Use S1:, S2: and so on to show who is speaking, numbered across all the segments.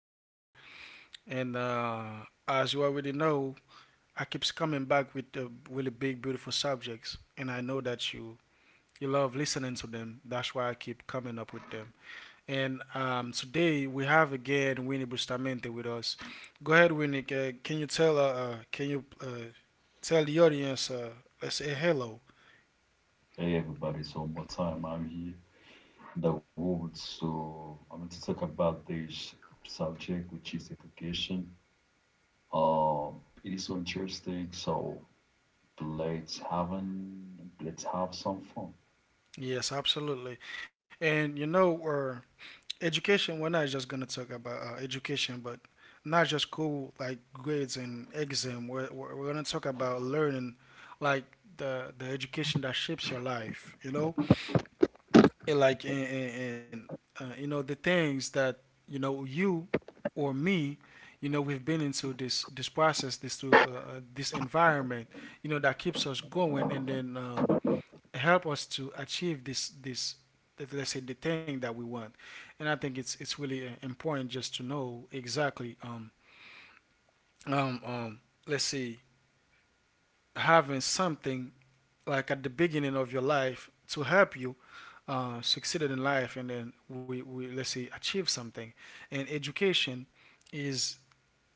S1: host. And As you already know, I keeps coming back with really big, beautiful subjects, and I know that you love listening to them. That's why I keep coming up with them. And Today we have again Winnie Bustamante with us. Go ahead, Winnie. Can you tell the audience let's say hello?
S2: Hey everybody, so what time I'm here in the world, so I'm going to talk about this subject which is education. Um, it is so interesting, so let's have an, let's have some fun.
S1: Yes, absolutely. And you know, uh, Education. We're not just gonna talk about education, but not just school like grades and exam. We're gonna talk about learning, like the education that shapes your life. And The things that you or me, we've been into this process, this environment, that keeps us going, and then help us to achieve this, let's say, the thing that we want. And I think it's really important just to know exactly. Um um let's say having something like at the beginning of your life to help you succeeded in life, and then we let's say achieve something. And education is,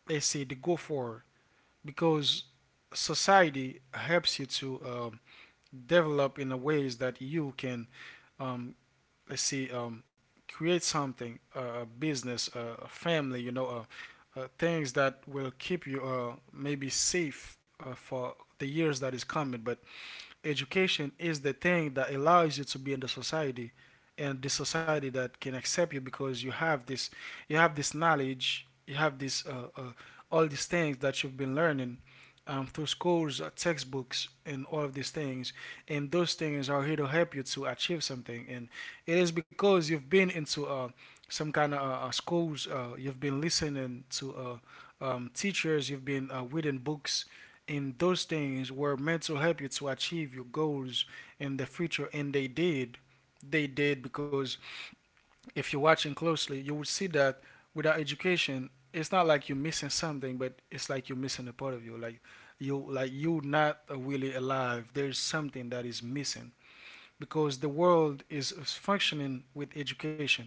S1: let's say, the go for, because society helps you to develop in a ways that you can, um, let's see, create something, a business, a family, you know, things that will keep you maybe safe for the years that is coming, but education is the thing that allows you to be in the society, and the society that can accept you because you have this, you have this knowledge, you have this, all these things that you've been learning through schools, textbooks, and all of these things. And those things are here to help you to achieve something, and it is because you've been into some kind of schools, you've been listening to teachers, you've been reading books, in those things were meant to help you to achieve your goals in the future, and they did. They did because if you're watching closely, you would see that without education, it's not like you're missing something, but it's like you're missing a part of you, like you are not really alive. There's something that is missing because the world is functioning with education.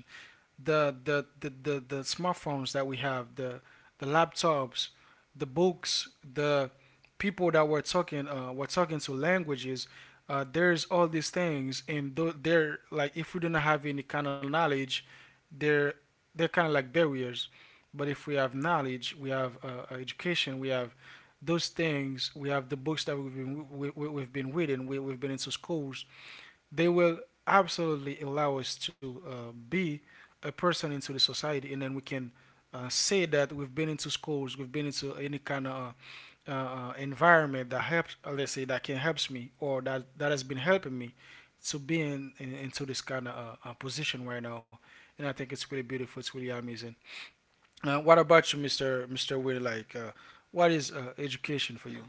S1: The smartphones that we have, the laptops, the books, the people that we're talking, to languages. There's all these things, and they're like, if we do not have any kind of knowledge, they're they're kind of like barriers. But if we have knowledge, we have education, we have those things, we have the books that we've been reading, we've been into schools, they will absolutely allow us to be a person into the society, and then we can say that we've been into schools, we've been into any kind of environment that helps, let's say, that can helps me or that that has been helping me to be in into this kind of position right now. And I think it's really beautiful. It's really amazing. What about you, Mister Will? Like, what is education for you?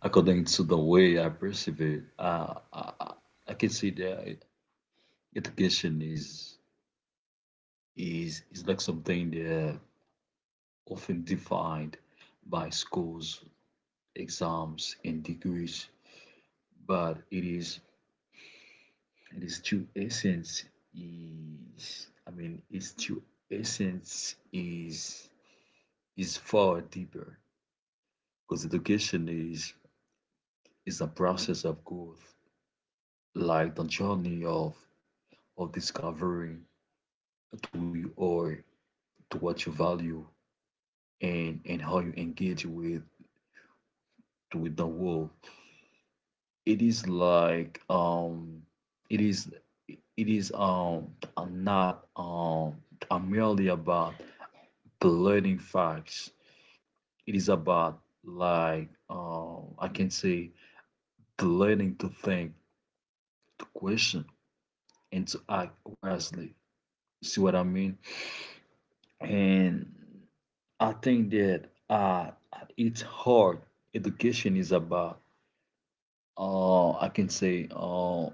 S2: According to the way I perceive it, I I can see that education is like something that often defined by schools, exams, and degrees, but it is and its true essence is its true essence is far deeper because education is a process of growth, like the journey of discovering who you are, to what you value, and how you engage with the world. It is like it is it is not merely about the learning facts. It is about I can say the learning to think, to question, and to act wisely. See what I mean? And I think that at its heart, education is about I can say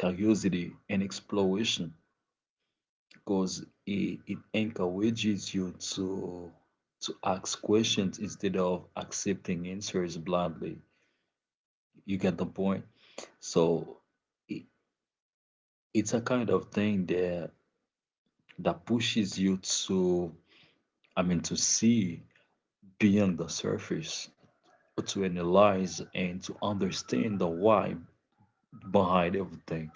S2: curiosity and exploration because it encourages you to ask questions instead of accepting answers blindly. You get the point? So i- it's a kind of thing that that pushes you to to see beyond the surface, to analyze and to understand the why behind everything.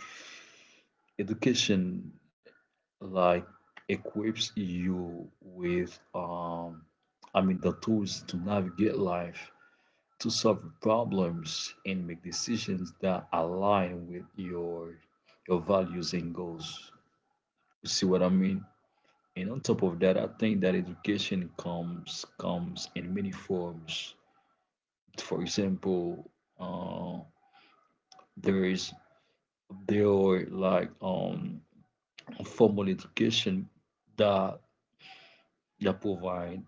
S2: Education like equips you with the tools to navigate life, to solve problems and make decisions that align with your values and goals. You see what I mean? And on top of that, I think that education comes in many forms. For example, uh, there is there are formal education that that provide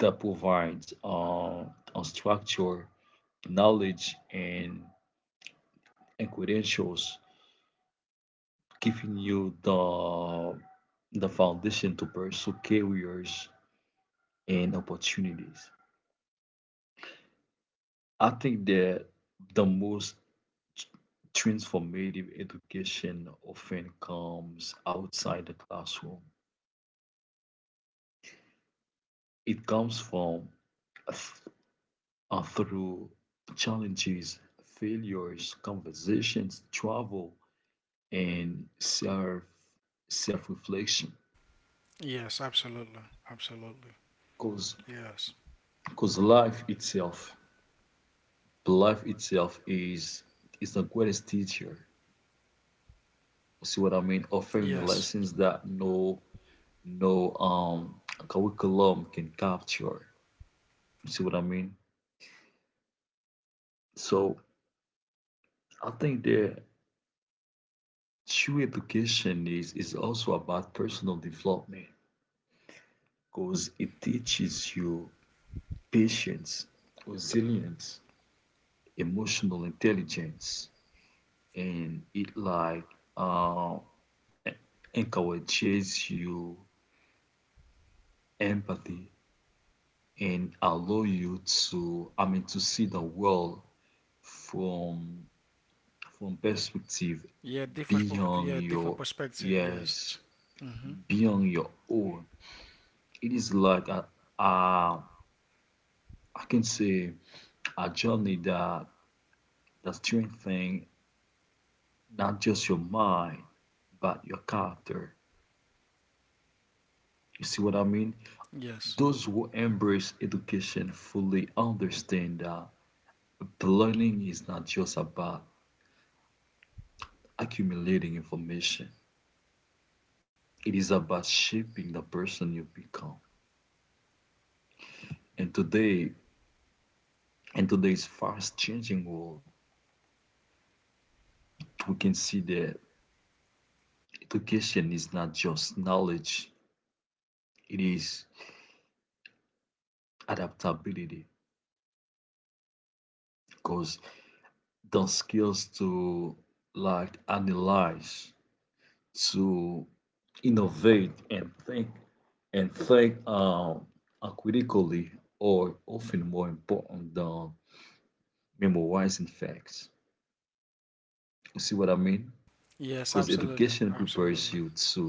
S2: that provides a structure, knowledge, and credentials, giving you the foundation to pursue careers and opportunities. I think that the most transformative education often comes outside the classroom. It comes from th- through challenges, failures, conversations, travel, and self reflection.
S1: Yes, absolutely, absolutely.
S2: Cause
S1: Yes,
S2: cause life itself is the greatest teacher. See what I mean? Offering
S1: yes.
S2: lessons that no no um curriculum can capture. See what I mean? So I think the true education is also about personal development because it teaches you patience, resilience, emotional intelligence, and it like uh, en- encourages you empathy and allow you to to see the world from from perspective
S1: Yeah,
S2: beyond
S1: different
S2: your
S1: perspective. Yes.
S2: yes
S1: Mm-hmm.
S2: beyond your own. It is like a, uh, I can say a journey that that's strengthening not just your mind, but your character. You see what I mean?
S1: Yes.
S2: Those who embrace education fully understand that learning is not just about accumulating information. It is about shaping the person you become. And today, in today's fast changing world, we can see that education is not just knowledge, it is adaptability because the skills to like analyze to innovate and think are critically are often more important than memorizing facts. You see what I mean?
S1: Yes,
S2: Because
S1: absolutely. Absolutely.
S2: you to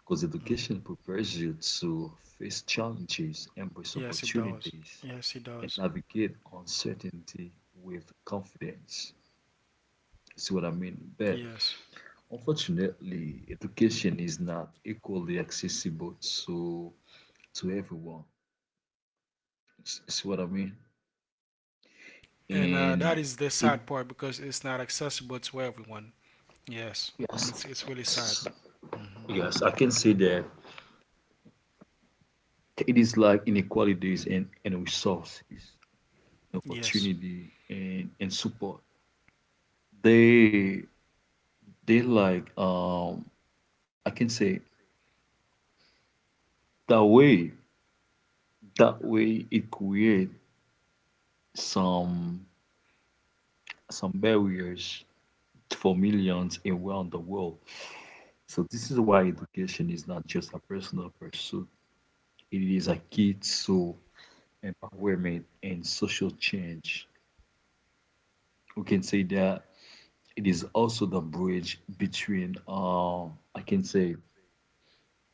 S2: because
S1: Hmm.
S2: education prepares you to face challenges, embrace
S1: Yes, it does.
S2: opportunities,
S1: Yes, it
S2: and
S1: does.
S2: navigate uncertainty with confidence. See what I mean? But
S1: Yes.
S2: unfortunately, education is not equally accessible to to everyone. See what I mean?
S1: And That
S2: And
S1: is the
S2: it
S1: sad part because it's not accessible to everyone. Yes.
S2: yes
S1: It's really sad.
S2: s-
S1: Hmm.
S2: yes I can say that it is like inequalities and resources,
S1: Yes.
S2: opportunity and support. They they like I can say that way that way it create some some barriers for millions around the world. So this is why education is not just a personal pursuit. It is a key to empowerment and social change. We can say that it is also the bridge between I can say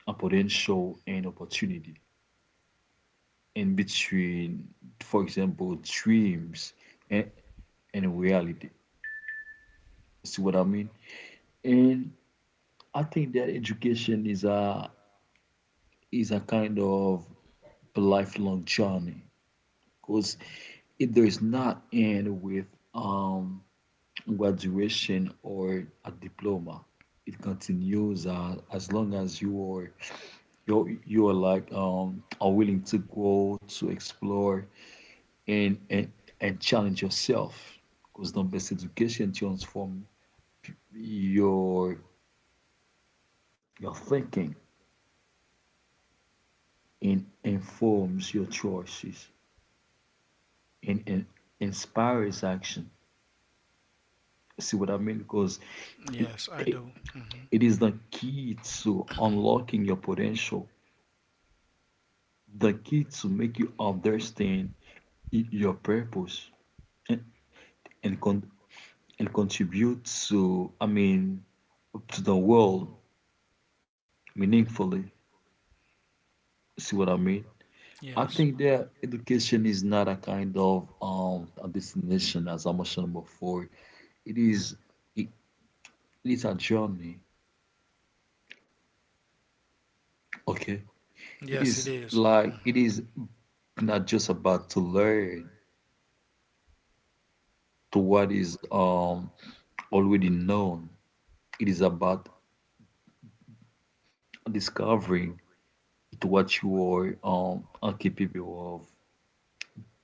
S2: a potential and opportunity and between, for example, dreams and, and reality. See what I mean? And I think that education is a kind of a lifelong journey because it does not end with um, graduation or a diploma. It continues as long as you are like are willing to grow, to explore and and, and challenge yourself because the best education transforms your your thinking and informs your choices and inspires action. See what I mean? Because It,
S1: Yes, I do. Hmm.
S2: it is the key to unlocking your potential, the key to make you understand your purpose and and, con- and contribute to, to the world meaningfully. See what I mean? I
S1: Yes.
S2: think that education is not a kind of a destination, as I mentioned before. It is it, it is a journey. Okay, it
S1: Yes, it
S2: is
S1: is.
S2: like
S1: Mhm.
S2: it is not just about to learn. To what is already known. It is about discovering to what you are capable of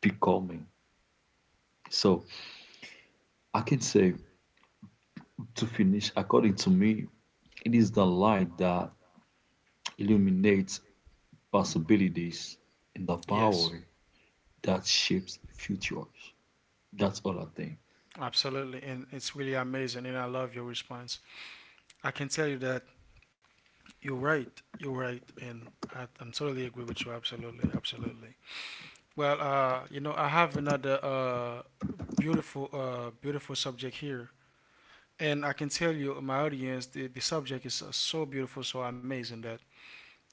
S2: becoming. So I can say, to finish, according to me, it is the light that illuminates possibilities and the
S1: Yes,
S2: power that shapes futures. That's all I think.
S1: absolutely. And it's really amazing. And I love your response. I can tell you that you're right. You're right. And I'm totally agree with you. Absolutely. Absolutely. Well, you know, I have another beautiful, beautiful subject here. And I can tell you, my audience, the subject is so beautiful, so amazing that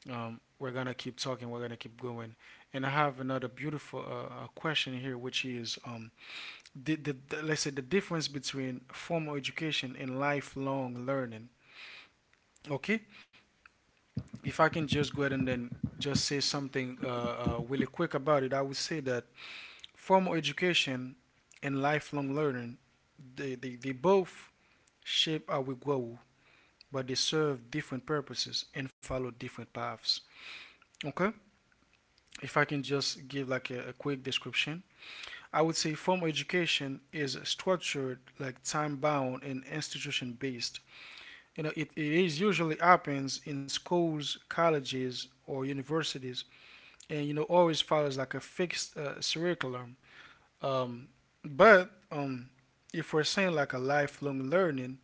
S1: we're gonna keep talking. We're gonna keep going. And I have another beautiful question here, which is the let's say the difference between formal education and lifelong learning. Okay, if I can just go ahead and then just say something really quick about it, I would say that formal education and lifelong learning, they both shape how we grow, but they serve different purposes and follow different paths. Okay, if I can just give like a quick description, I would say formal education is structured, like time bound and institution based. You know, it is usually happens in schools, colleges, or universities, and you know always follows like a fixed curriculum. Um, but if we're saying like a lifelong learning,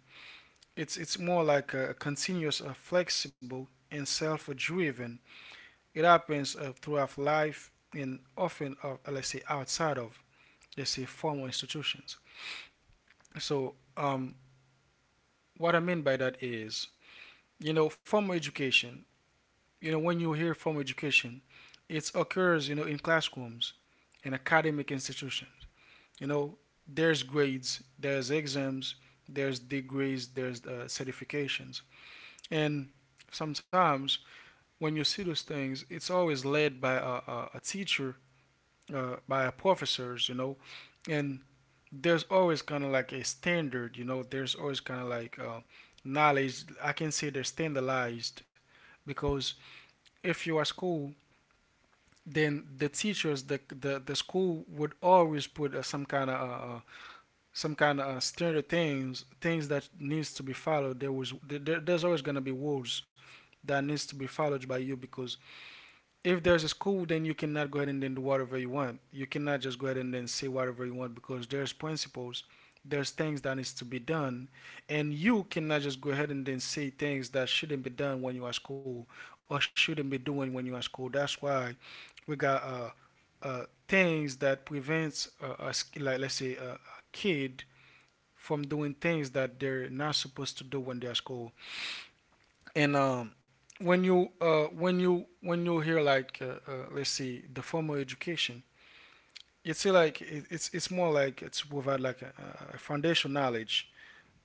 S1: it's more like a continuous, flexible, and self-driven. It happens throughout life, and often, let's say, outside of, let's say, formal institutions. So, what I mean by that is, you know, formal education, you know, when you hear formal education, it occurs, you know, in classrooms, in academic institutions. You know, there's grades, there's exams, there's degrees, there's certifications. And sometimes when you see those things, it's always led by a teacher, by professors, you know, and there's always kind of like a standard, you know, there's always kind of like knowledge. I can say they're standardized because if you are school, then the teachers, the school would always put some kind of standard things, things that needs to be followed. There's always gonna be rules that needs to be followed by you because if there's a school, then you cannot go ahead and then do whatever you want. You cannot just go ahead and then say whatever you want because there's principles, there's things that needs to be done, and you cannot just go ahead and then say things that shouldn't be done when you are at school, or shouldn't be doing when you are at school. That's why we got uh, things that prevents us, like let's say a kid from doing things that they're not supposed to do when they're at school. And when you hear like let's see the formal education, it's like it's more like it's provide like a foundation knowledge.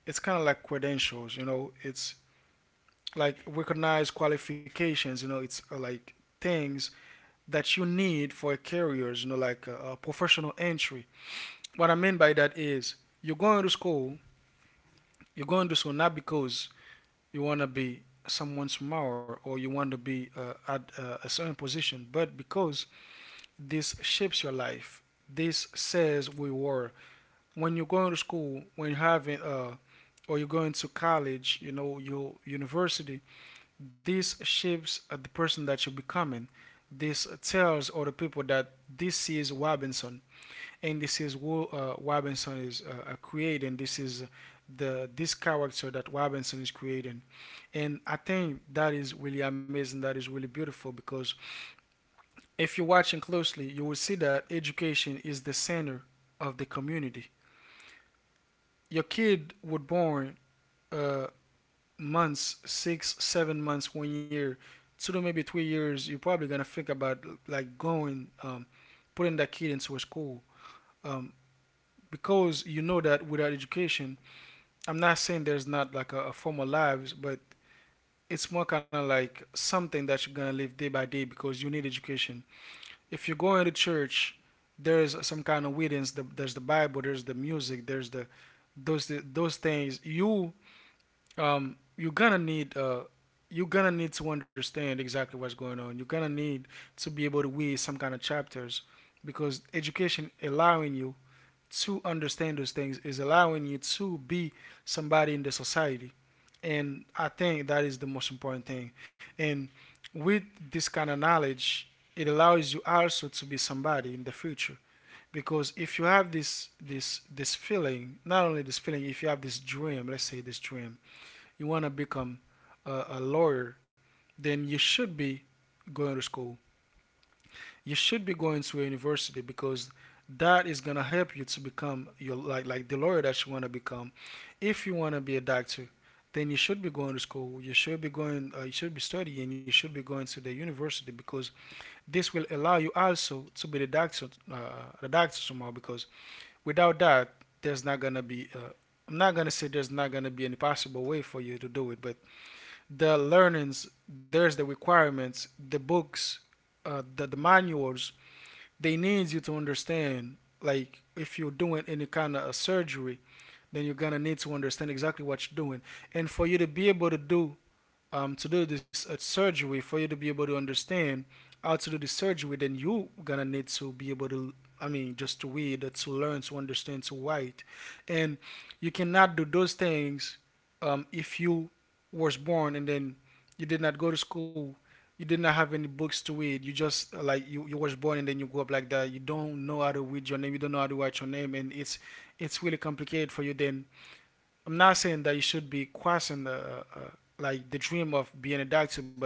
S1: It's kind of like credentials, you know. It's like recognized qualifications, you know. It's like things that you need for careers, you know, like a professional entry. What I mean by that is you're going to school, you're going to school not because you want to be someone smaller, or you want to be at a certain position, but because this shapes your life. This says we were, when you're going to school, when you're having or you're going to college, you know, your university, this shapes the person that you're becoming. This tells other people that this is Robinson, and this is what Robinson is creating. This is the this character that Robinson is creating, and I think that is really amazing. That is really beautiful because if you're watching closely, you will see that education is the center of the community. Your kid was born, uh, months, 6, 7 months, 1 year, 2 to maybe 3 years. You're probably gonna think about like going, putting that kid into a school. Um, because you know that without education, I'm not saying there's not like a formal lives, but it's more kind of like something that you're gonna live day by day because you need education. If you're going to church, there is some kind of witness. There's the Bible, there's the music, there's the those things. Um you're gonna need uh you're gonna need to understand exactly what's going on. You're gonna need to be able to read some kind of chapters, because education allowing you to understand those things is allowing you to be somebody in the society. And I think that is the most important thing. And with this kind of knowledge, it allows you also to be somebody in the future, because if you have this feeling, not only this feeling, if you have this dream, let's say this dream, you want to become a lawyer, then you should be going to school, you should be going to a university because that is gonna help you to become your, like the lawyer that you wanna become. If you wanna be a doctor, then you should be going to school. You should be going. You should be studying. You should be going to the university because this will allow you also to be the doctor somehow. Because without that, there's not gonna be. I'm not gonna say there's not gonna be any possible way for you to do it, but the learnings, there's the requirements, the books, the manuals they need you to understand, like if you're doing any kind of a surgery, then you're gonna need to understand exactly what you're doing. And for you to be able to do, to do this surgery, for you to be able to understand how to do the surgery, then you gonna need to be able to, I mean, just to read, to learn, to understand, to write. And you cannot do those things, if you was born and then you did not go to school, you did not have any books to read, you just, like you was born and then you grew up like that, you don't know how to read your name, you don't know how to write your name, and it's really complicated for you. Then I'm not saying that you should be quashing the like the dream of being a doctor, but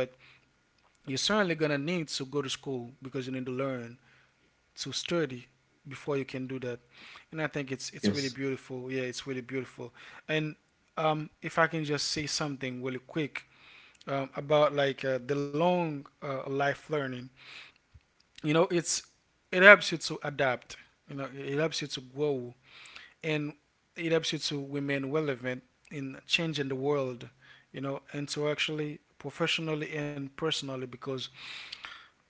S1: you're certainly gonna need to go to school because you need to learn, to study, before you can do that. And I think it's really
S2: Yes,
S1: beautiful. Yeah, it's really beautiful. And if I can just say something really quick about like the long life learning, you know, it's it helps you to adapt. You know, it helps you to grow, and it helps you to remain relevant in changing the world, you know, and so actually professionally and personally. Because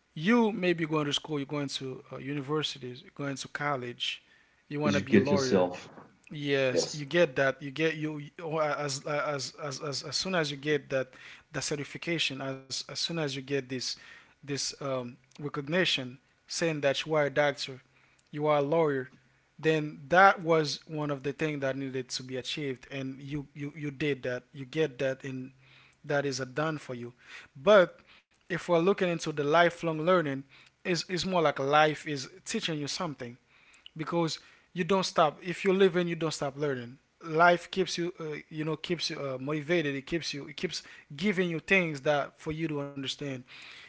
S1: you may be going to school, you're going to universities, you're going to college, you want to be a
S2: educate
S1: lawyer.
S2: yourself.
S1: Yes,
S2: Yes,
S1: you get that. You get or as soon as you get that, the certification, as soon as you get this this recognition saying that you are a doctor, you are a lawyer, then that was one of the things that needed to be achieved, and you did that. You get that, and that is a done for you. But if we're looking into the lifelong learning, is more like a life is teaching you something, because you don't stop. If you're living, you don't stop learning. Life keeps you, you know, keeps you motivated. It keeps you, it keeps giving you things that for you to understand.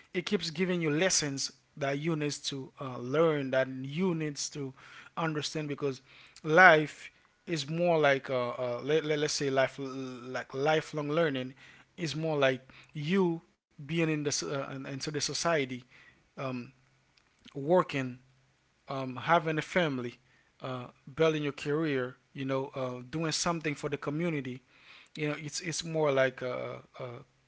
S1: It keeps giving you lessons that you needs to learn, that you needs to understand. Because life is more like, us say, life like lifelong learning is more like you being in the into the society, um, working, having a family, uh, building your career, you know, doing something for the community. You know, it's more like uh, uh,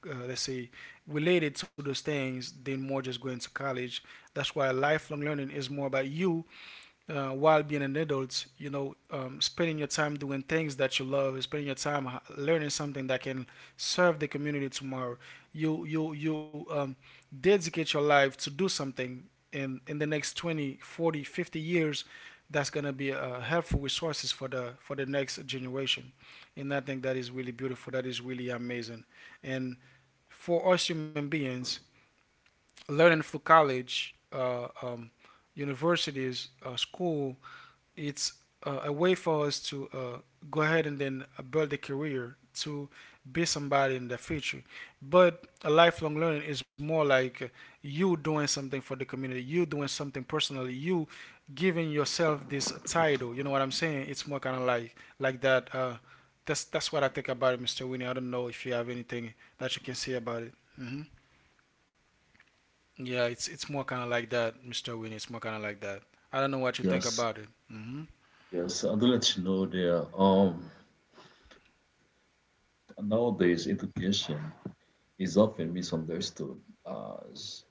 S1: uh, let's say related to those things than more just going to college. That's why lifelong learning is more about you while being an adult, you know, spending your time doing things that you love, spending your time learning something that can serve the community tomorrow. You dedicate your life to do something in the next 20, 40, 50 years that's going to be helpful resources for the next generation. And I think that is really beautiful. That is really amazing. And for us human beings, learning through college, universities, school, it's a way for us to go ahead and then build a career to be somebody in the future. But a lifelong learning is more like you doing something for the community, you doing something personally, you giving yourself this title. You know what I'm saying? It's more kind of like that. That's what I think about it, Mr. Winnie. I don't know if you have anything that you can say about it. Hmm. Yeah, it's more kind of like that, Mr. Winnie. It's more kind of like that. I don't know what you think
S2: yes,
S1: about it. Hmm.
S2: yes, I do let you know there. Nowadays education is often misunderstood as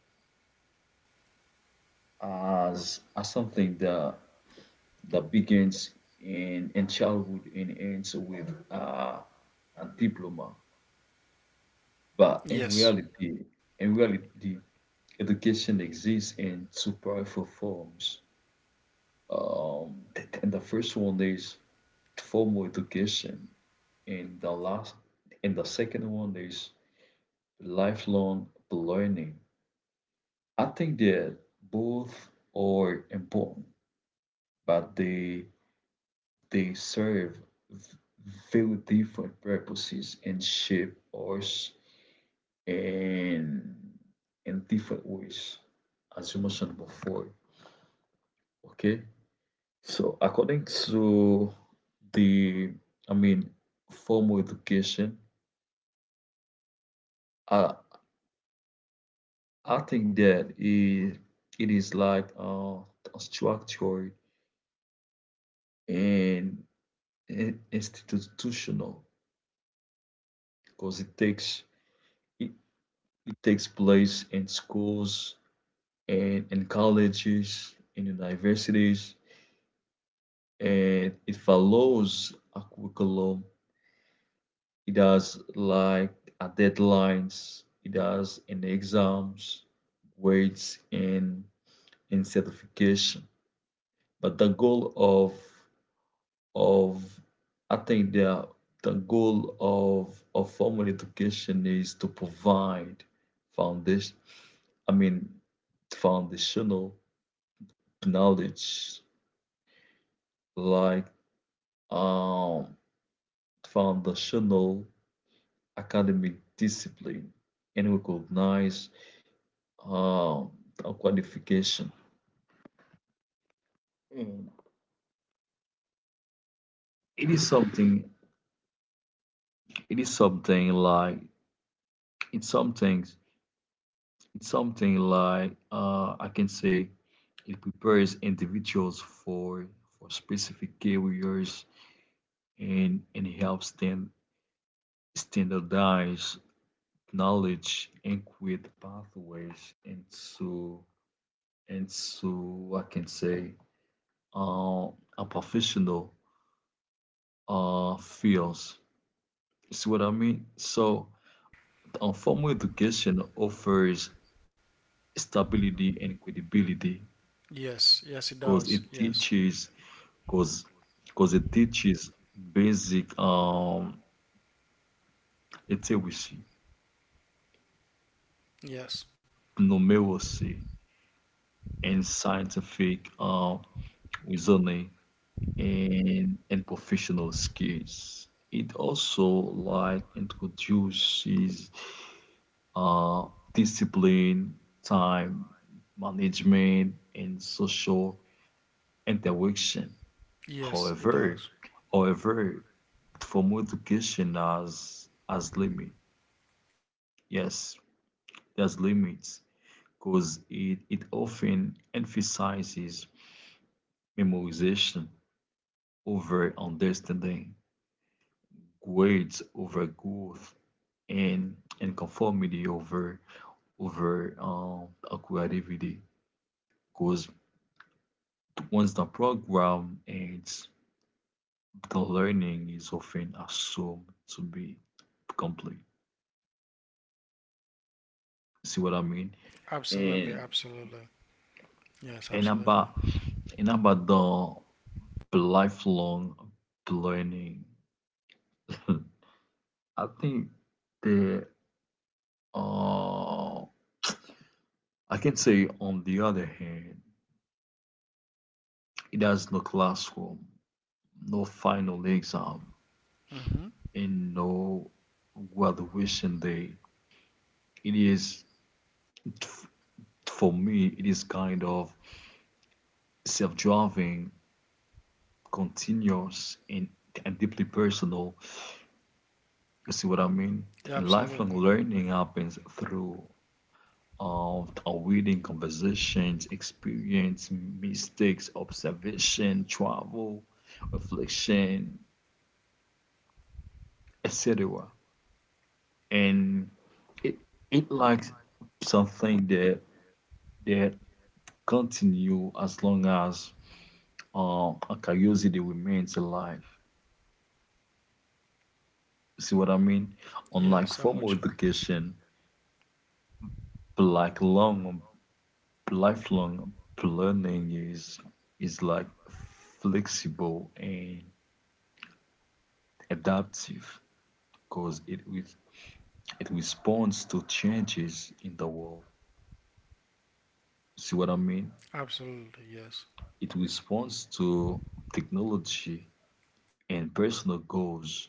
S2: something that that begins in childhood and ends with a diploma. But
S1: Yes.
S2: in reality, education exists in two powerful forms. And the first one is formal education, and the last and the second one is lifelong learning. I think that both are important but they serve v- very different purposes and shape us in in different ways, as you mentioned before. Okay, so according to the, I mean, formal education, I I think that it is like structured and institutional because it, it takes place in schools and in colleges, in universities, and it follows a curriculum. It has like a deadlines. It has an exams, grades, and certification. But the goal of I think the goal of formal education is to provide foundation. I mean foundational knowledge like um, foundational academic discipline and recognize um, a qualification. Mm. It is something. It is something like it's something. It's something like I can say it prepares individuals for specific careers and helps them standardize knowledge and create pathways into and so I can say uh, a professional fields. See what I mean? So formal education offers stability and credibility
S1: Yes, yes, it
S2: because
S1: does.
S2: it
S1: Yes,
S2: teaches because because it teaches basic literacy,
S1: yes,
S2: numeracy, and scientific reasoning and professional skills. It also like introduces uh, discipline, time management, and social interaction.
S1: yes, it
S2: However,
S1: does.
S2: however, formal education has limit. Yes, there's limits because it often emphasizes memorization over understanding, grades over growth, and conformity over over um, creativity. Because once the program ends, the learning is often assumed to be complete. See what I mean?
S1: Absolutely,
S2: And
S1: absolutely. Yes,
S2: and
S1: absolutely.
S2: about about the lifelong learning, I think the uh I can say on the other hand, it has no classroom, no final exam,
S1: Mm-hmm.
S2: and no graduation day. It is for me, it is kind of self-driving, continuous, and deeply personal. You see what I mean?
S1: Yeah,
S2: And lifelong
S1: absolutely.
S2: learning happens through our reading, conversations, experience, mistakes, observation, travel, reflection, etc. And it it likes something that that continue as long as a curiosity remains alive. See what I mean? Unlike
S1: Yes, I'm with
S2: formal
S1: you.
S2: education, like long, lifelong learning is like flexible and adaptive because it responds to changes in the world. See what I mean?
S1: Absolutely, yes.
S2: It responds to technology and personal goals.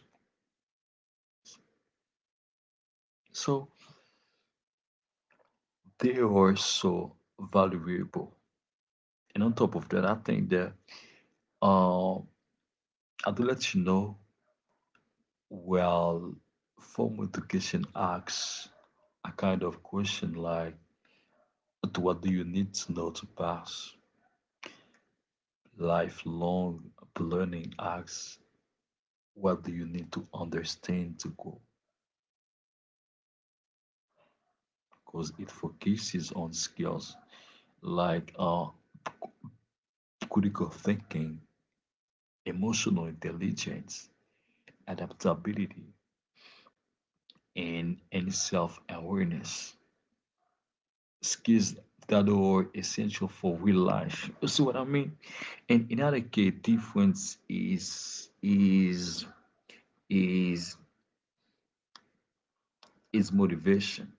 S2: So they are so valuable. And on top of that, I think that uh, I do let you know well, formal education asks a kind of question like, "But what do you need to know to pass? Lifelong learning asks, what do you need to understand to go?" Because it focuses on skills like critical thinking, emotional intelligence, adaptability, and self awareness. Skills that are essential for real life. You see what I mean? And another key difference is is is motivation.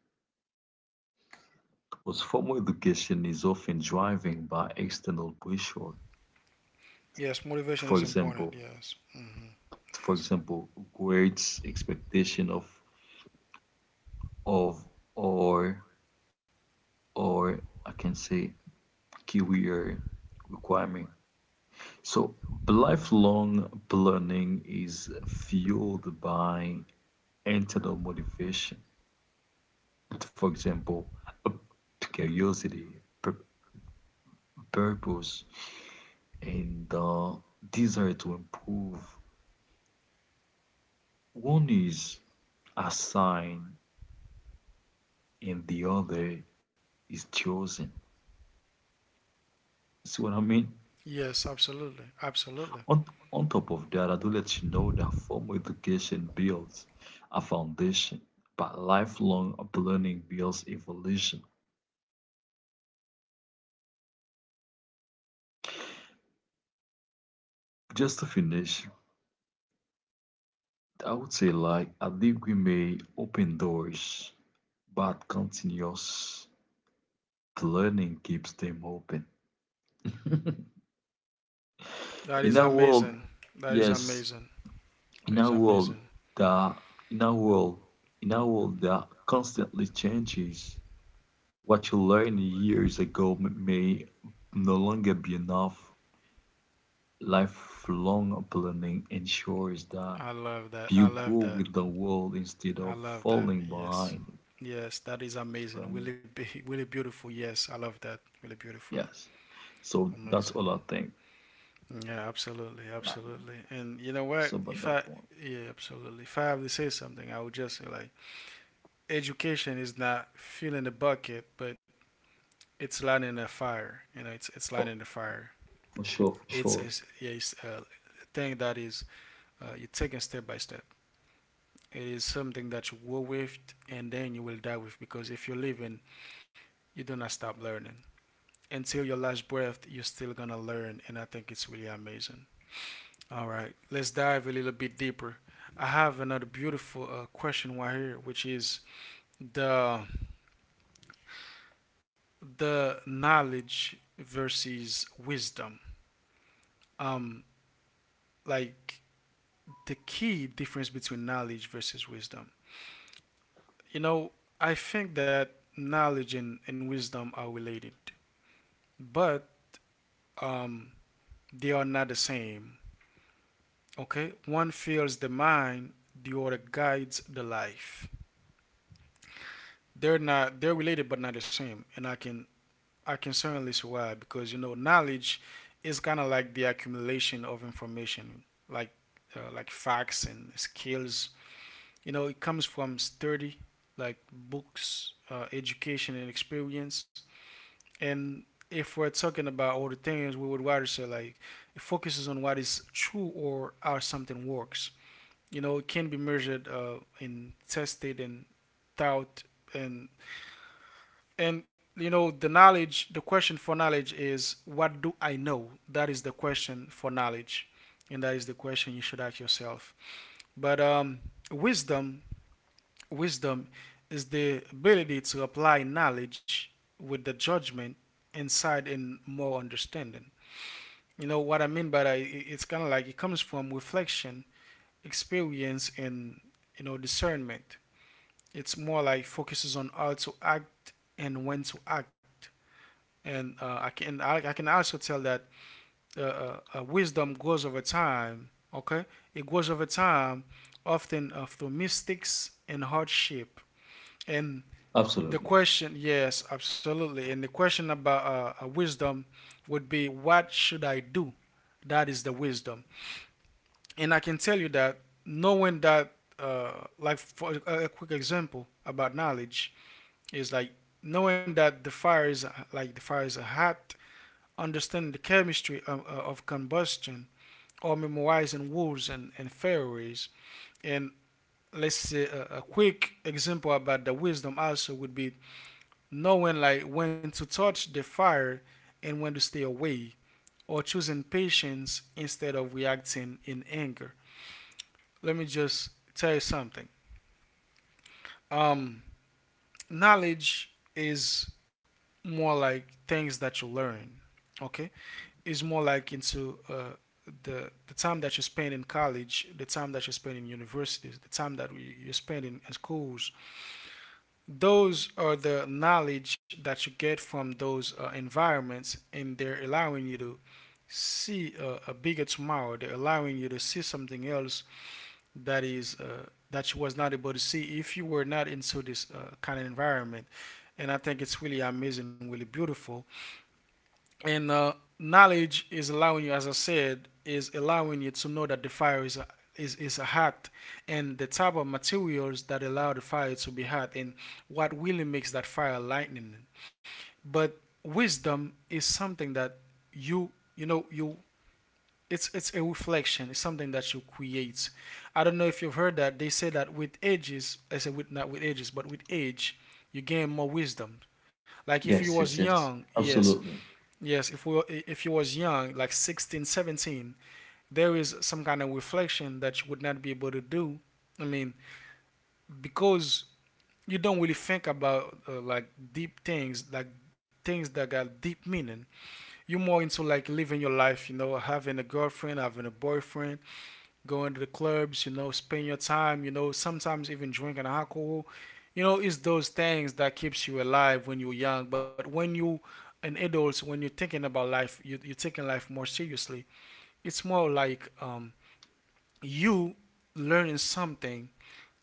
S2: Because formal education is often driven by external pressure.
S1: Yes, motivation
S2: For
S1: is important.
S2: example,
S1: Yes. Mm-hmm.
S2: for
S1: Yes.
S2: example, grades, expectation of or or I can say career requirement. So, lifelong learning is fueled by internal motivation. For example, uh, curiosity, purpose, and the desire to improve. One is assigned and the other is chosen. See what I mean?
S1: Yes, absolutely. Absolutely.
S2: On, on top of that, I do let you know that formal education builds a foundation, but lifelong learning builds evolution. Just to finish, I would say like I think we may open doors, but continuous learning keeps them open.
S1: That
S2: In
S1: is
S2: our world,
S1: amazing. That is
S2: yes,
S1: amazing.
S2: in
S1: That is
S2: our world
S1: amazing.
S2: the in our world in our world that constantly changes, what you learned years ago may no longer be enough. Lifelong planning ensures that
S1: I love that. I
S2: you
S1: love
S2: grow
S1: that.
S2: with the world instead
S1: I
S2: of
S1: love that.
S2: falling
S1: Yes.
S2: behind.
S1: Yes, that is
S2: That's what I
S1: amazing.
S2: mean.
S1: Really be really beautiful. Yes, I love that. Really beautiful.
S2: Yes. So that's all
S1: Amazing.
S2: I think.
S1: Yeah, absolutely,
S2: Yeah.
S1: absolutely. And you know
S2: It's
S1: what?
S2: about
S1: If
S2: that
S1: I
S2: point.
S1: Yeah, absolutely. If I have to say something, I would just say like education is not filling the bucket, but it's lighting the fire. You know, it's
S2: For,
S1: lighting the fire.
S2: for sure, for sure.
S1: Yeah, it's a thing that is you're taking step by step. It is something that you will with and then you will die with, because if you're living, you do not stop learning. Until your last breath, you're still gonna learn, and I think it's really amazing. All right, let's dive a little bit deeper. I have another beautiful question right here, which is the the knowledge versus wisdom. Um, like the key difference between knowledge versus wisdom. You know, I think that knowledge and wisdom are related, but um, they are not the same. Okay, one feels the mind, the other guides the life. They're related but not the same, and I can certainly see why, because you know knowledge is kind of like the accumulation of information, like like facts and skills. You know, it comes from study, like books, education, and experience. And if we're talking about all the things, we would rather say like it focuses on what is true or how something works. You know, it can be measured and tested and thought. and and you know, the knowledge, the question for knowledge is, what do I know? That is the question for knowledge, and that is the question you should ask yourself. But wisdom wisdom is the ability to apply knowledge with the judgment, insight, and more understanding. You know what I mean by that? It's kind of like it comes from reflection, experience, and you know, discernment. It's more like focuses on how to act and when to act. And I can also tell that wisdom grows over time. Okay, it grows over time, often through mistakes and hardship. And the
S2: Absolutely.
S1: question, yes, absolutely. And the question about wisdom would be, what should I do? That is the wisdom. And I can tell you that, knowing that, like for a quick example about knowledge, is like knowing that the fire is like the fire is hot, understanding the chemistry of combustion, or memorizing rules and theories. And let's say a, quick example about the wisdom also would be knowing like when to touch the fire and when to stay away, or choosing patience instead of reacting in anger. Let me just tell you something. um knowledge is more like things that you learn. Okay, it's more like into the time that you spend in college, the time that you spend in universities, the time that you spend in schools. Those are the knowledge that you get from those environments, and they're allowing you to see a bigger tomorrow. They're allowing you to see something else that is that you was not able to see if you were not into this kind of environment. And I think it's really amazing, really beautiful. And knowledge is allowing you, as I said, is allowing you to know that the fire is hot, and the type of materials that allow the fire to be hot, and what really makes that fire lightning. But wisdom is something that you, you know, you it's a reflection, it's something that you create. I don't know if you've heard that they say that with ages. I said with, not with ages, but with age, you gain more wisdom. Like if you was
S2: Yes, yes,
S1: young
S2: yes.
S1: yes
S2: Absolutely.
S1: Yes, if we were- if you was young, like 16, 17, there is some kind of reflection that you would not be able to do. I mean, because you don't really think about like deep things, like things that got deep meaning. You're more into like living your life, you know, having a girlfriend, having a boyfriend, going to the clubs, you know, spend your time, you know, sometimes even drinking alcohol. You know, it's those things that keeps you alive when you're young. But when you an adult, when you're thinking about life, you're taking life more seriously. It's more like you learning something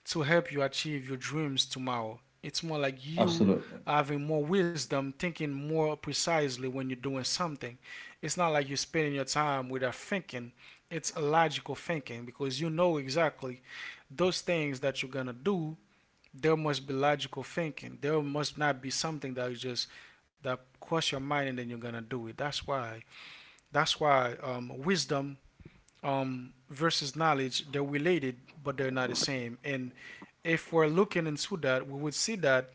S1: to help you achieve your dreams tomorrow. It's more like you
S2: Absolutely.
S1: having more wisdom, thinking more precisely when you're doing something. It's not like you're spending your time without thinking. It's logical thinking because you know exactly those things that you're gonna do. There must be logical thinking. There must not be something that is just that cross your mind and then you're gonna do it. That's why. That's why wisdom versus knowledge, they're related, but they're not the same. And if we're looking into that, we would see that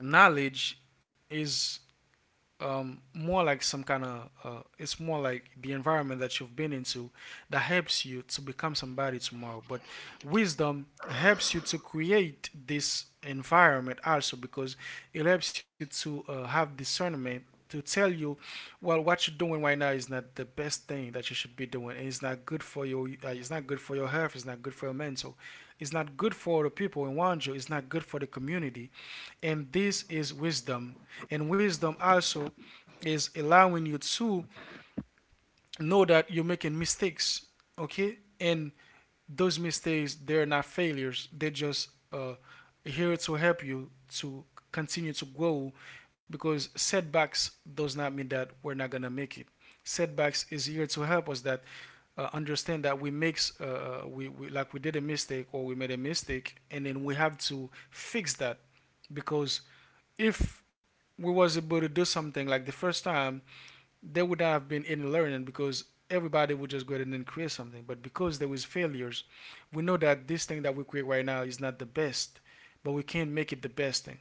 S1: knowledge is more like some kind of it's more like the environment that you've been into that helps you to become somebody tomorrow, but wisdom helps you to create this environment also because it helps you to have discernment to tell you, well, what you're doing right now is not the best thing that you should be doing, and it's not good for your it's not good for your health, it's not good for your mental, it's not good for the people around you, it's not good for the community. And this is wisdom. And wisdom also is allowing you to know that you're making mistakes, okay? And those mistakes, they're not failures. They're just here to help you to continue to grow, because setbacks does not mean that we're not gonna make it. Setbacks is here to help us that understand that we makes we like we did a mistake or we made a mistake, and then we have to fix that. Because if we was able to do something like the first time, there would not have been any learning because everybody would just go ahead and then create something. But because there was failures, we know that this thing that we create right now is not the best, but we can't make it the best thing.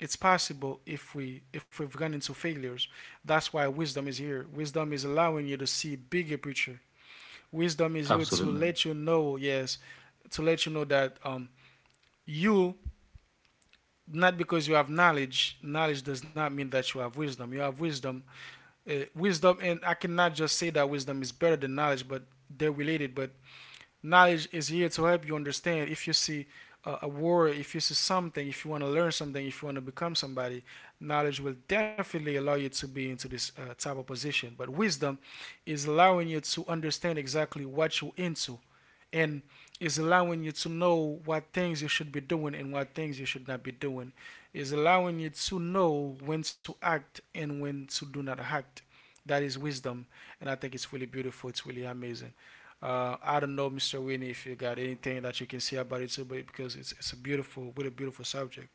S1: It's possible if we if we've gone into failures. That's why wisdom is here. Wisdom is allowing you to see bigger picture. Wisdom is here to
S2: Absolutely.
S1: let you know, yes, to let you know that you not because you have knowledge, knowledge does not mean that you have wisdom. You have wisdom, wisdom, and I cannot just say that wisdom is better than knowledge, but they're related. But knowledge is here to help you understand if you see a word, if you see something, if you want to learn something, if you want to become somebody, knowledge will definitely allow you to be into this type of position. But wisdom is allowing you to understand exactly what you're into, and is allowing you to know what things you should be doing and what things you should not be doing, is allowing you to know when to act and when to do not act. That is wisdom, and I think it's really beautiful. It's really amazing. I don't know, Mr. Winnie, if you got anything that you can say about it too, but because it's a beautiful, really beautiful subject.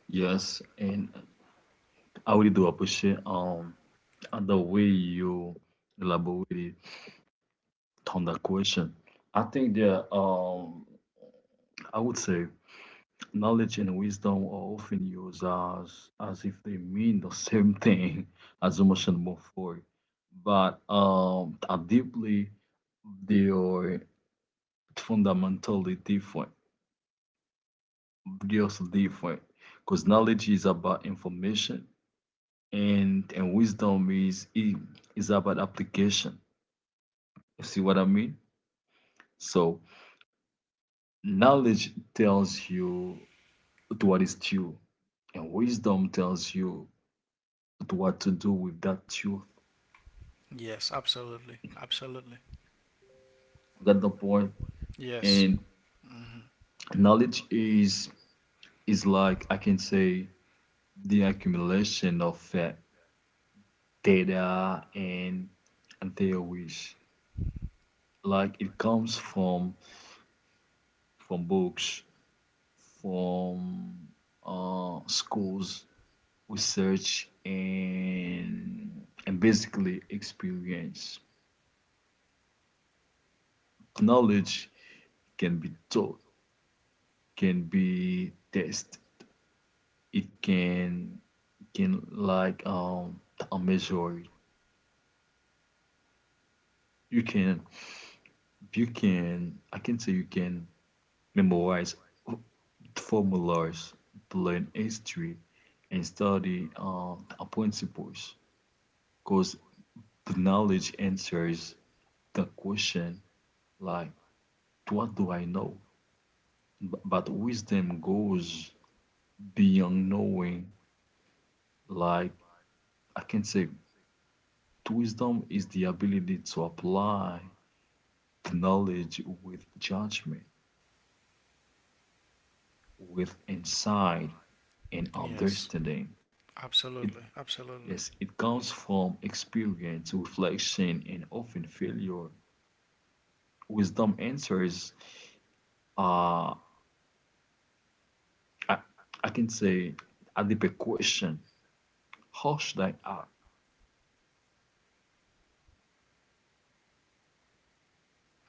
S2: Yes. And I really do appreciate the way you elaborated on that question. I think that I would say knowledge and wisdom are often used as, if they mean the same thing as emotion move forward, but are deeply they are fundamentally different. They also different because knowledge is about information and wisdom is about application. You see what I mean? So knowledge tells you what is true, and wisdom tells you what to do with that truth.
S1: Yes, absolutely, absolutely.
S2: Got the point.
S1: Yes,
S2: And knowledge is like I can say the accumulation of data and theories. Like it comes from books, from schools, research, and basically experience. Knowledge can be taught, can be tested. It can like measure. You can, I can say you can memorize formulas, learn history, and study the principles. Because the knowledge answers the question like, what do I know? But wisdom goes beyond knowing. Like, I can say, wisdom is the ability to apply the knowledge with judgment, with insight, and
S1: yes,
S2: understanding. It
S1: absolutely, absolutely.
S2: Yes, it comes from experience, reflection, and often failure. Wisdom answers, uh, I, I can say, a deeper question. How should I act?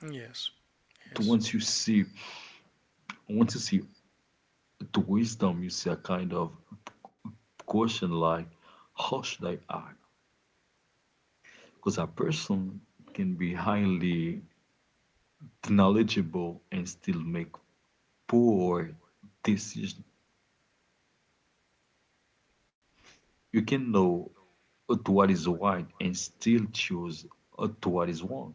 S1: Yes, yes,
S2: Once you see, once you see the wisdom, you see a kind of question like, how should I act? Because a person can be highly knowledgeable and still make poor decisions. You can know to what is right and still choose to what is wrong.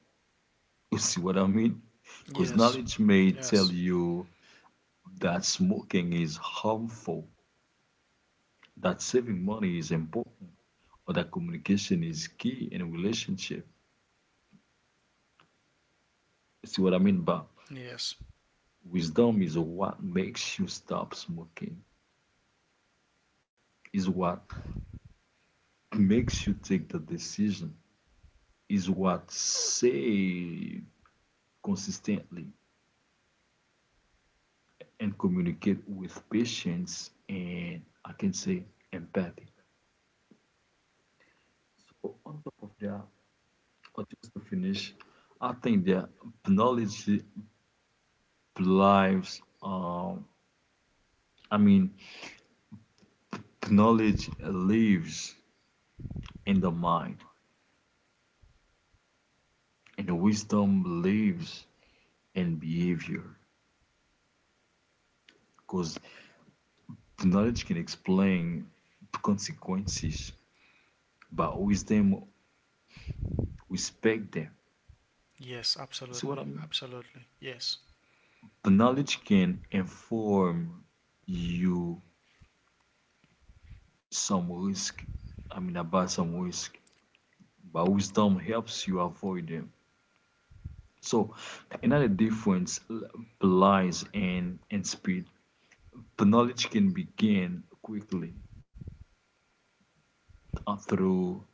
S2: You see what I mean? Because
S1: yes,
S2: knowledge may tell
S1: yes,
S2: you that smoking is harmful, that saving money is important, or that communication is key in a relationship. You see what I mean? But
S1: yes,
S2: wisdom is what makes you stop smoking, is what makes you take the decision, is what save consistently and communicate with patience and I can say empathy. So on top of that, or just to finish, I think that knowledge lives. I mean, knowledge lives in the mind, and the wisdom lives in behavior. Because knowledge can explain consequences, but wisdom respect them.
S1: yes,
S2: See what I
S1: absolutely,
S2: mean?
S1: absolutely, yes.
S2: The knowledge can inform you some risk. I mean, about some risk, but wisdom helps you avoid them. So, another difference lies in speed. The knowledge can be gained quickly through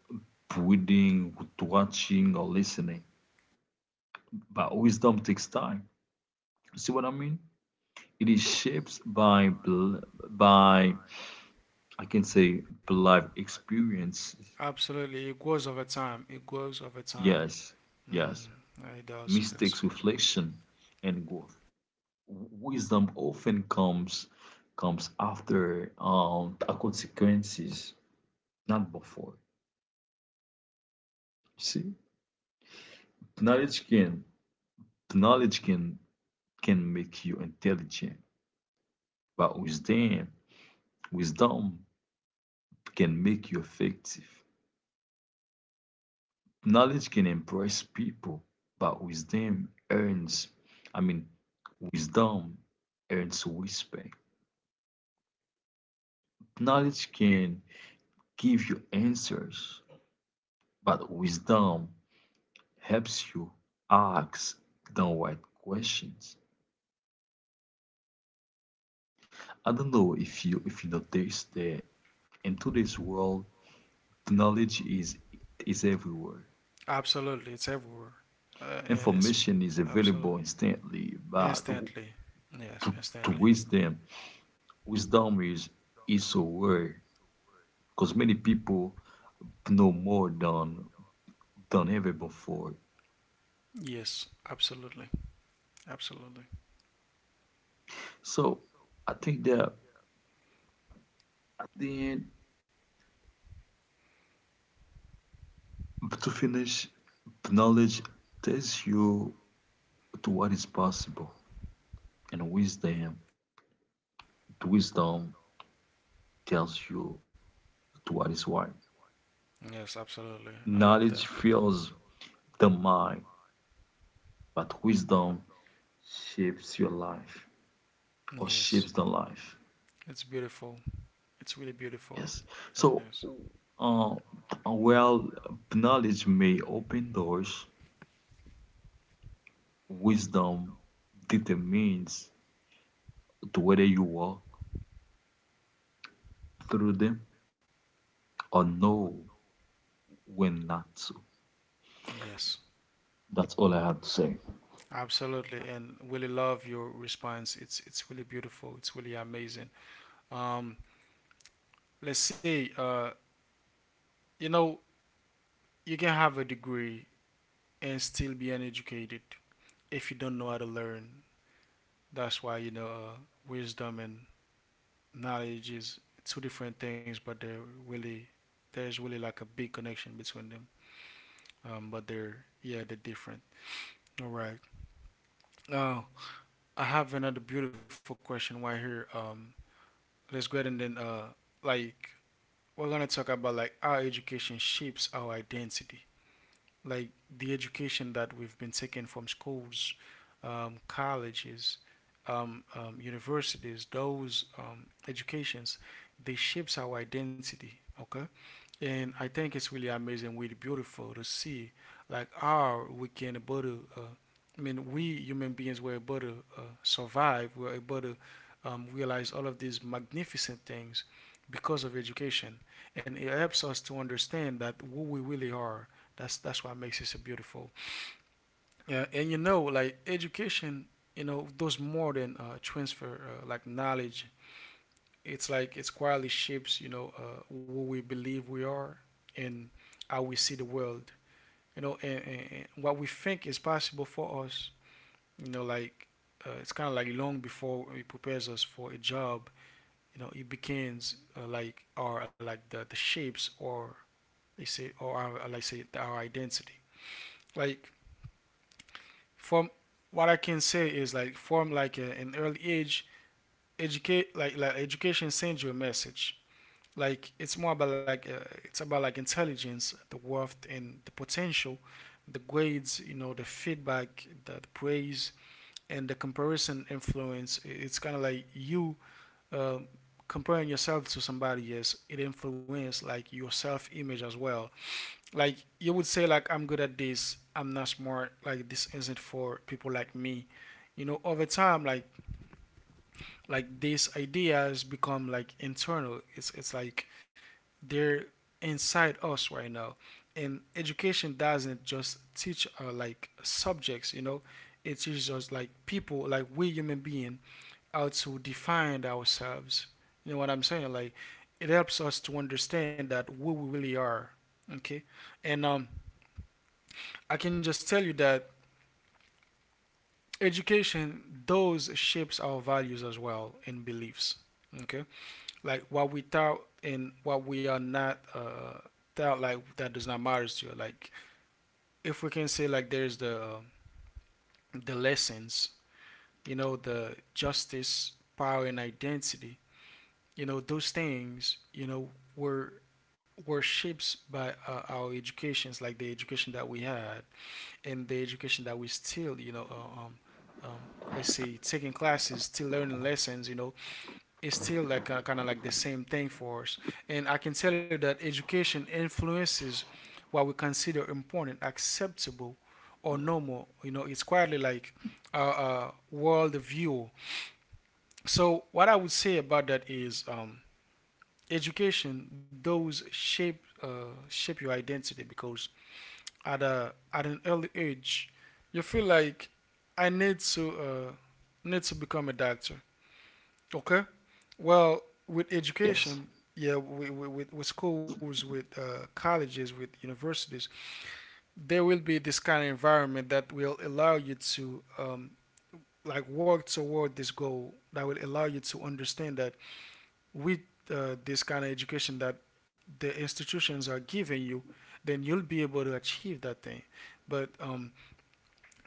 S2: reading, watching, or listening, but wisdom takes time. See what I mean? It is shaped by by I can say life experiences.
S1: Absolutely, it grows over time. It grows over time.
S2: Yes, yes.
S1: Mm-hmm. It does. Yes.
S2: Mistakes, reflection, and growth. Wisdom often comes after the consequences, not before. See, knowledge can knowledge can make you intelligent, but wisdom can make you effective. Knowledge can impress people, but wisdom earns. I mean, wisdom earns respect. Knowledge can give you answers, but wisdom helps you ask the right questions. I don't know if you notice that in today's world, knowledge is everywhere.
S1: Absolutely, it's everywhere. And it's
S2: Information is
S1: absolutely
S2: available instantly, but
S1: instantly. Yes,
S2: to, to
S1: instantly.
S2: wisdom, wisdom is so rare because many people know more than ever before.
S1: Yes, absolutely, absolutely.
S2: So I think that at the end but to finish, the knowledge tells you to what is possible, and the wisdom tells you to what is right.
S1: Yes, absolutely. I love that.
S2: Knowledge fills the mind, but wisdom shapes your life or
S1: Yes,
S2: shapes the life.
S1: it's beautiful. It's really beautiful.
S2: Yes. So,
S1: Yes.
S2: uh, well, knowledge may open doors. Wisdom determines to whether you walk through them or know when not to.
S1: Yes.
S2: That's all I had to say.
S1: Absolutely, and really love your response. It's really beautiful. It's really amazing. Um, let's see. You know, you can have a degree and still be uneducated if you don't know how to learn. That's why, you know, wisdom and knowledge is two different things, but they're really, there's really like a big connection between them. But they're, yeah, they're different. All right. Uh, I have another beautiful question right here. Let's go ahead and then, like, we're gonna talk about like how education shapes our identity. Like the education that we've been taking from schools, colleges, universities, those educations, they shapes our identity. Okay, and I think it's really amazing, really beautiful to see like how we can able to. I mean, we human beings were able to survive. We were able to realize all of these magnificent things because of education, and it helps us to understand that who we really are. That's what makes it so beautiful. Yeah, and you know, like education, you know, does more than transfer like knowledge. It's like it quietly shapes, you know, who we believe we are, and how we see the world, you know, and what we think is possible for us, you know, like it's kind of like long before it prepares us for a job, you know, it begins like our like the shapes or they say or our, like say our identity. Like from what I can say is like from like an early age, educate like education sends you a message. Like it's more about like it's about like intelligence, the worth, and the potential, the grades, you know, the feedback, the praise, and the comparison influence. It's kind of like you um comparing yourself to somebody else, it influences like your self image as well. Like you would say like I'm good at this, I'm not smart, like this isn't for people like me. You know, over time, like these ideas become like internal. It's like they're inside us right now. And education doesn't just teach like subjects, you know, it teaches us like people, like we human being, how to define ourselves. You know what I'm saying? Like it helps us to understand that who we really are. Okay. And I can just tell you that education those shapes our values as well and beliefs. Okay. Like what we thought and what we are not thought, like that does not matter to you. Like if we can say like there's the lessons, you know, the justice, power, and identity, you know, those things, you know, were were shaped by our educations, like the education that we had and the education that we still, you know, um let's say taking classes, still learning lessons, you know, it's still like kind of like the same thing for us. And I can tell you that education influences what we consider important, acceptable, or normal. You know, it's quietly like a world view. So what I would say about that is education. Those shape shape your identity because at a at an early age, you feel like I need to need to become a doctor. Okay. Well, with
S2: Yes,
S1: education, yeah, with schools, with colleges, with universities, there will be this kind of environment that will allow you to like work toward this goal. That will allow you to understand that with this kind of education that the institutions are giving you, then you'll be able to achieve that thing. But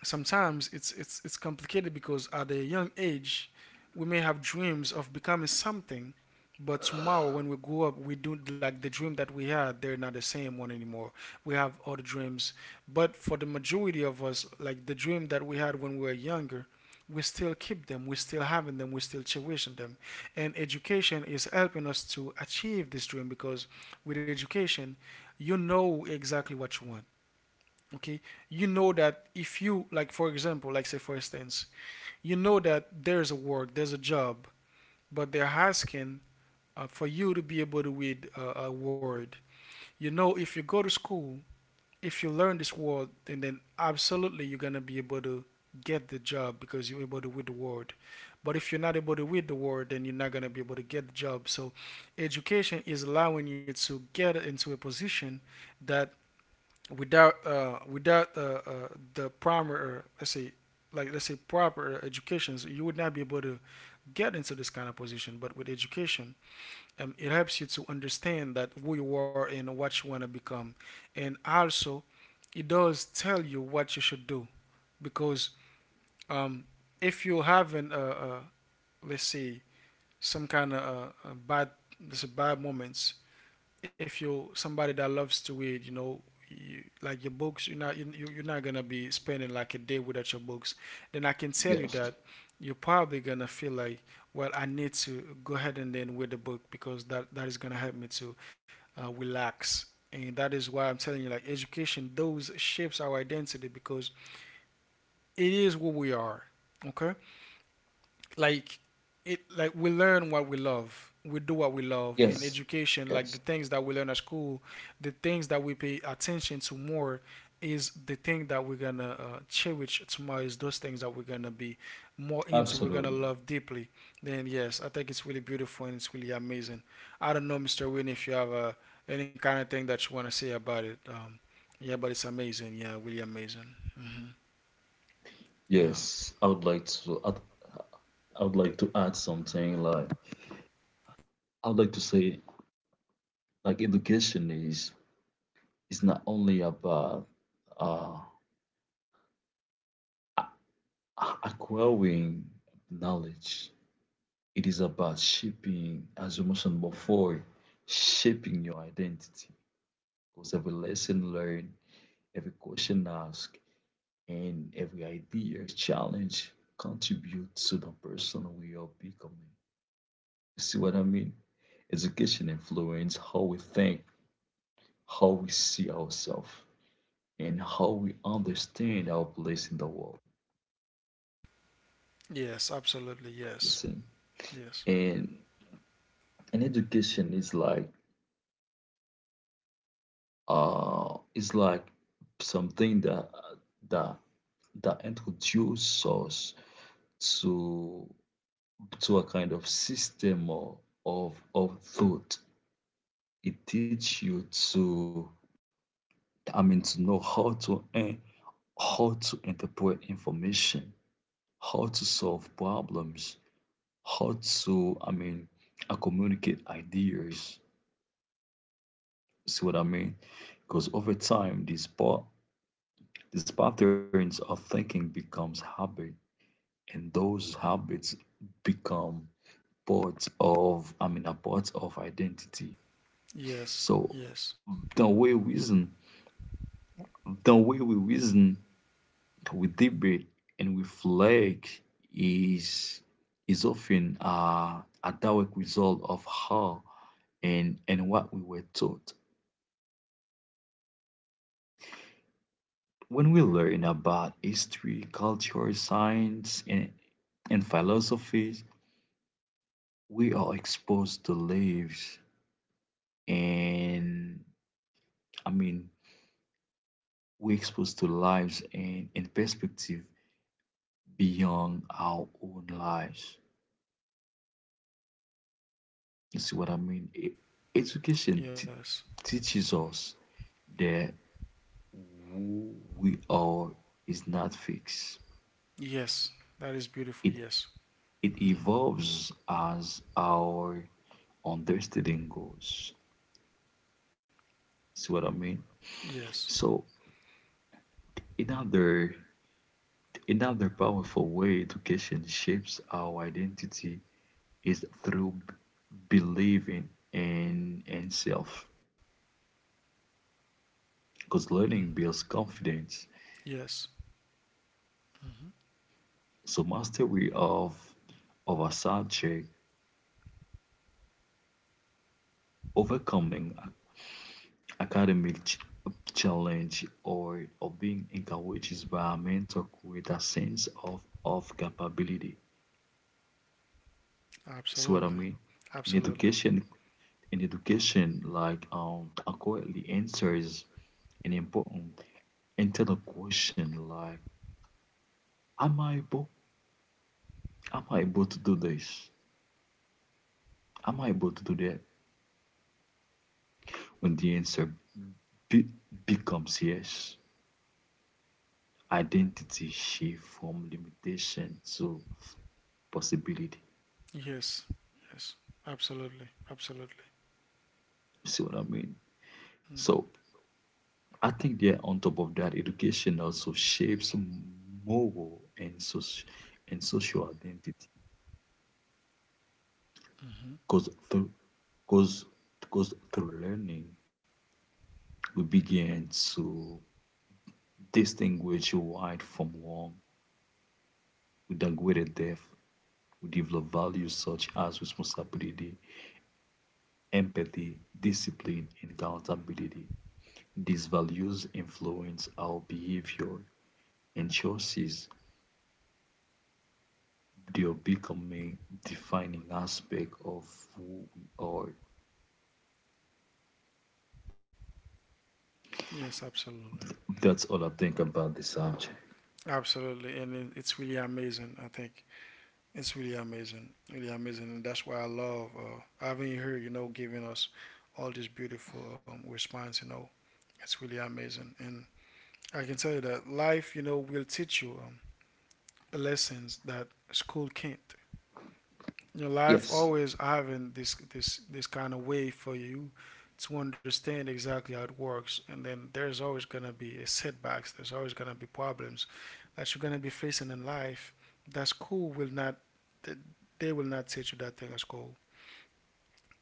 S1: sometimes it's complicated because at a young age we may have dreams of becoming something, but tomorrow when we grow up, we do like the dream that we had, they're not the same one anymore. We have other dreams, but for the majority of us, like the dream that we had when we were younger, we still keep them, we still having them, we still cherishing them. And education is helping us to achieve this dream, because with education you know exactly what you want. Okay. You know that if you, like for example, like say for instance, you know that there's a work, there's a job, but they're asking for you to be able to read a word. You know, if you go to school, if you learn this word, and then absolutely you're gonna be able to get the job because you're able to read the word. But if you're not able to read the word, then you're not going to be able to get the job. So education is allowing you to get into a position that without the primary, let's say, like let's say proper educations, you would not be able to get into this kind of position. But with education, it helps you to understand that who you are and what you want to become, and also it does tell you what you should do, because um, if you haven't, let's say, some kind of bad, let's say bad moments, if you're somebody that loves to read, you know, you, like your books, you're not you, you're not gonna be spending like a day without your books. Then I can tell you
S2: yes,
S1: that you're probably gonna feel like, well, I need to go ahead and then read the book because that is gonna help me to relax. And that is why I'm telling you, like education, those shapes our identity because it is what we are. Okay, like it like we learn what we love, we do what we love in
S2: yes,
S1: education, like the
S2: yes,
S1: things that we learn at school, the things that we pay attention to more is the thing that we're gonna cherish tomorrow, is those things that we're gonna be more into, we're gonna
S2: absolutely.
S1: love deeply. Then yes, I think it's really beautiful and it's really amazing. I don't know, Mr. Wynne, if you have any kind of thing that you want to say about it. Yeah, but it's amazing. Yeah, really amazing.
S2: Yes,
S1: Yeah,
S2: I would like to. I would like to add something. Like I would like to say, like education is not only about uh, acquiring knowledge. It is about shaping, as you mentioned before, shaping your identity. Because every lesson learned, every question asked, and every idea, challenge contributes to the person we are becoming. You see what I mean? Education influences how we think, how we see ourselves, and how we understand our place in the world.
S1: yes, absolutely,
S2: You
S1: yes,
S2: see,
S1: yes.
S2: and education is like something that that introduces us to a kind of system of thought. It teaches you to I mean to know how to interpret information, how to solve problems, how to I mean communicate ideas. See what I mean? Because over time these these patterns of thinking becomes habit and those habits become part of I mean a part of identity.
S1: Yes.
S2: So
S1: Yes.
S2: the way we reason the way we reason, we debate and reflect is often a direct result of how and what we were taught. When we learn about history, culture, science, and philosophies, we are exposed to lives and I mean we're exposed to lives and perspective beyond our own lives. You see what I mean? Education
S1: Yes.
S2: teaches us the who we are is not fixed.
S1: Yes. That is beautiful.
S2: It
S1: Yes.
S2: it
S1: Hmm.
S2: evolves as our understanding goes. See what I mean?
S1: Yes.
S2: So another powerful way education shapes our identity is through believing in self. Because
S1: Mm.
S2: learning builds confidence.
S1: Yes. Hmm.
S2: So mastery of a subject, overcoming a academic challenge or being encouraged by a mentor create a sense of capability. See what I
S1: Absolutely.
S2: mean? In
S1: Absolutely.
S2: education, in education, like accurately answers an important internal question like, am I able? Am I able to do this? Am I able to do that? When the answer be- becomes yes, identity shift from limitation to possibility.
S1: Yes. Yes. Absolutely. Absolutely.
S2: You see what I mean?
S1: Mm.
S2: So I think that on top of that, education also shapes moral and social identity
S1: Mm-hmm.
S2: because through because because through learning we begin to distinguish right from wrong with a greater depth. We develop values such as responsibility, empathy, discipline, and accountability. These values influence our behavior and choices. They're becoming defining aspect of who we are.
S1: Yes. Absolutely.
S2: That's all I think about the subject.
S1: Absolutely. And it's really amazing. I think it's really amazing. Really amazing. And that's why I love having you here, giving us all this beautiful response, It's really amazing. And I can tell you that life, you know, will teach you lessons that school can't. Your life
S2: Yes,
S1: always having this kind of way for you to understand exactly how it works, and then there's always gonna be a setbacks. There's always gonna be problems that you're gonna be facing in life. That school will not, they will not teach you that thing at school.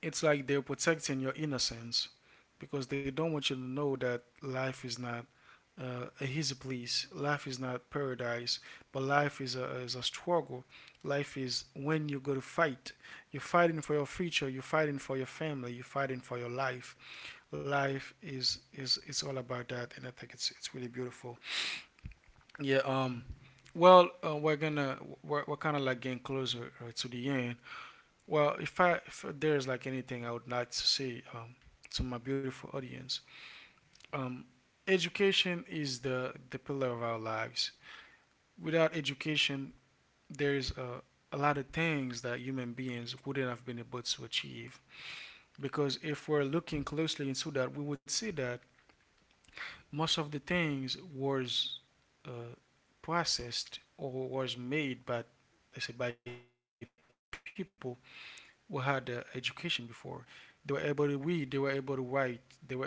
S1: It's like they're protecting your innocence because they don't want you to know that life is not his place. Life is not paradise, but life is is a struggle. Life is when you go to fight. You're fighting for your future. You're fighting for your family. You're fighting for your life. Life is it's all about that, and I think it's really beautiful. Yeah. Well, we're gonna we're kind of like getting closer to the end. Well, if there's like anything I would like to say, to my beautiful audience, um, education is the pillar of our lives. Without education, there is a lot of things that human beings wouldn't have been able to achieve. Because if we're looking closely into that, we would see that most of the things was uh, processed or was made by, let's say, by people who had education before. They were able to read, they were able to write, they were able to, um,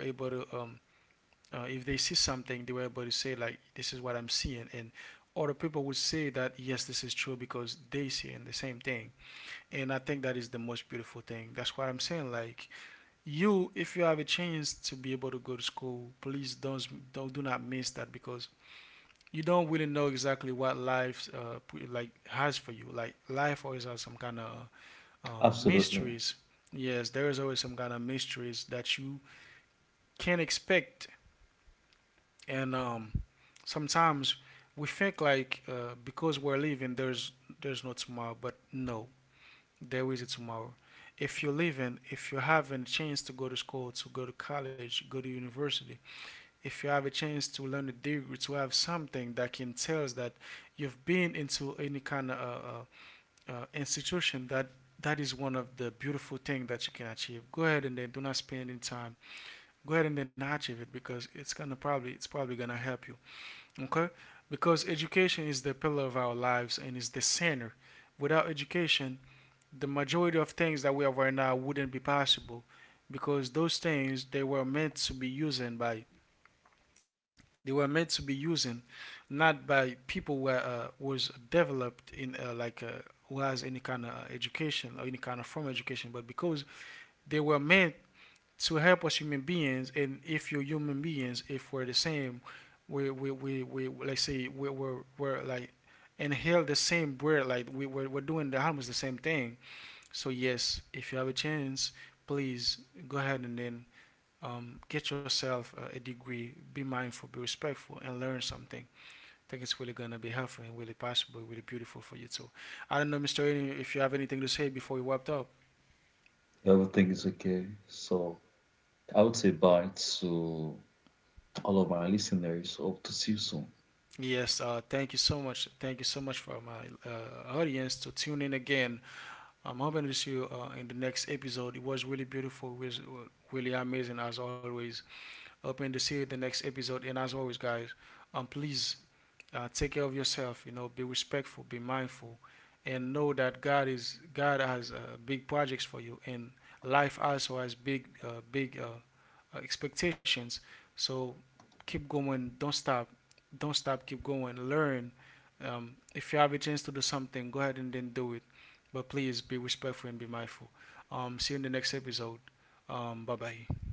S1: uh, if they see something, they were able to say, like, this is what I'm seeing. And other people would say that, yes, this is true because they see the same thing. And I think that is the most beautiful thing. That's what I'm saying. Like, you, if you have a chance to be able to go to school, please don't do not miss that, because you don't really know exactly what life like has for you. Like life always has some kind of
S2: absolutely.
S1: mysteries. Yes, there is always some kind of mysteries that you can't expect. And sometimes we think like because we're living, there's no tomorrow, but no, there is a tomorrow. If you're living, if you have a chance to go to school, to go to college, go to university, if you have a chance to learn a degree, to have something that can tell us that you've been into any kind of institution, that is one of the beautiful things that you can achieve. Go ahead and then do not spend any time. Go ahead and then achieve it because it's probably gonna help you. Okay, because education is the pillar of our lives and is the center. Without education, the majority of things that we have right now wouldn't be possible because those things, they were meant to be using, not by people who was developed in who has any kind of education or any kind of formal education, but because they were meant to help us human beings. And if you're human beings, if we're the same, we let's say we're like inhale the same breath. Like we're doing the almost the same thing. So yes, if you have a chance, please go ahead and then get yourself a degree. Be mindful, be respectful, and learn something. I think it's really gonna be helpful and really possible, really beautiful for you too. I don't know, Mr. Eden, if you have anything to say before we wrapped up.
S2: Everything is okay. So I would say bye to all of my listeners. Hope to see you soon.
S1: Yes, thank you so much. Thank you so much for my audience to tune in again. I'm hoping to see you in the next episode. It was really beautiful, it was really amazing as always. Hoping to see you in the next episode. And as always, guys, please take care of yourself, you know, be respectful, be mindful, and know that god has big projects for you. And life also has big expectations. So keep going, don't stop, keep going, learn. If you have a chance to do something, go ahead and then do it, but please be respectful and be mindful. See you in the next episode. Bye bye.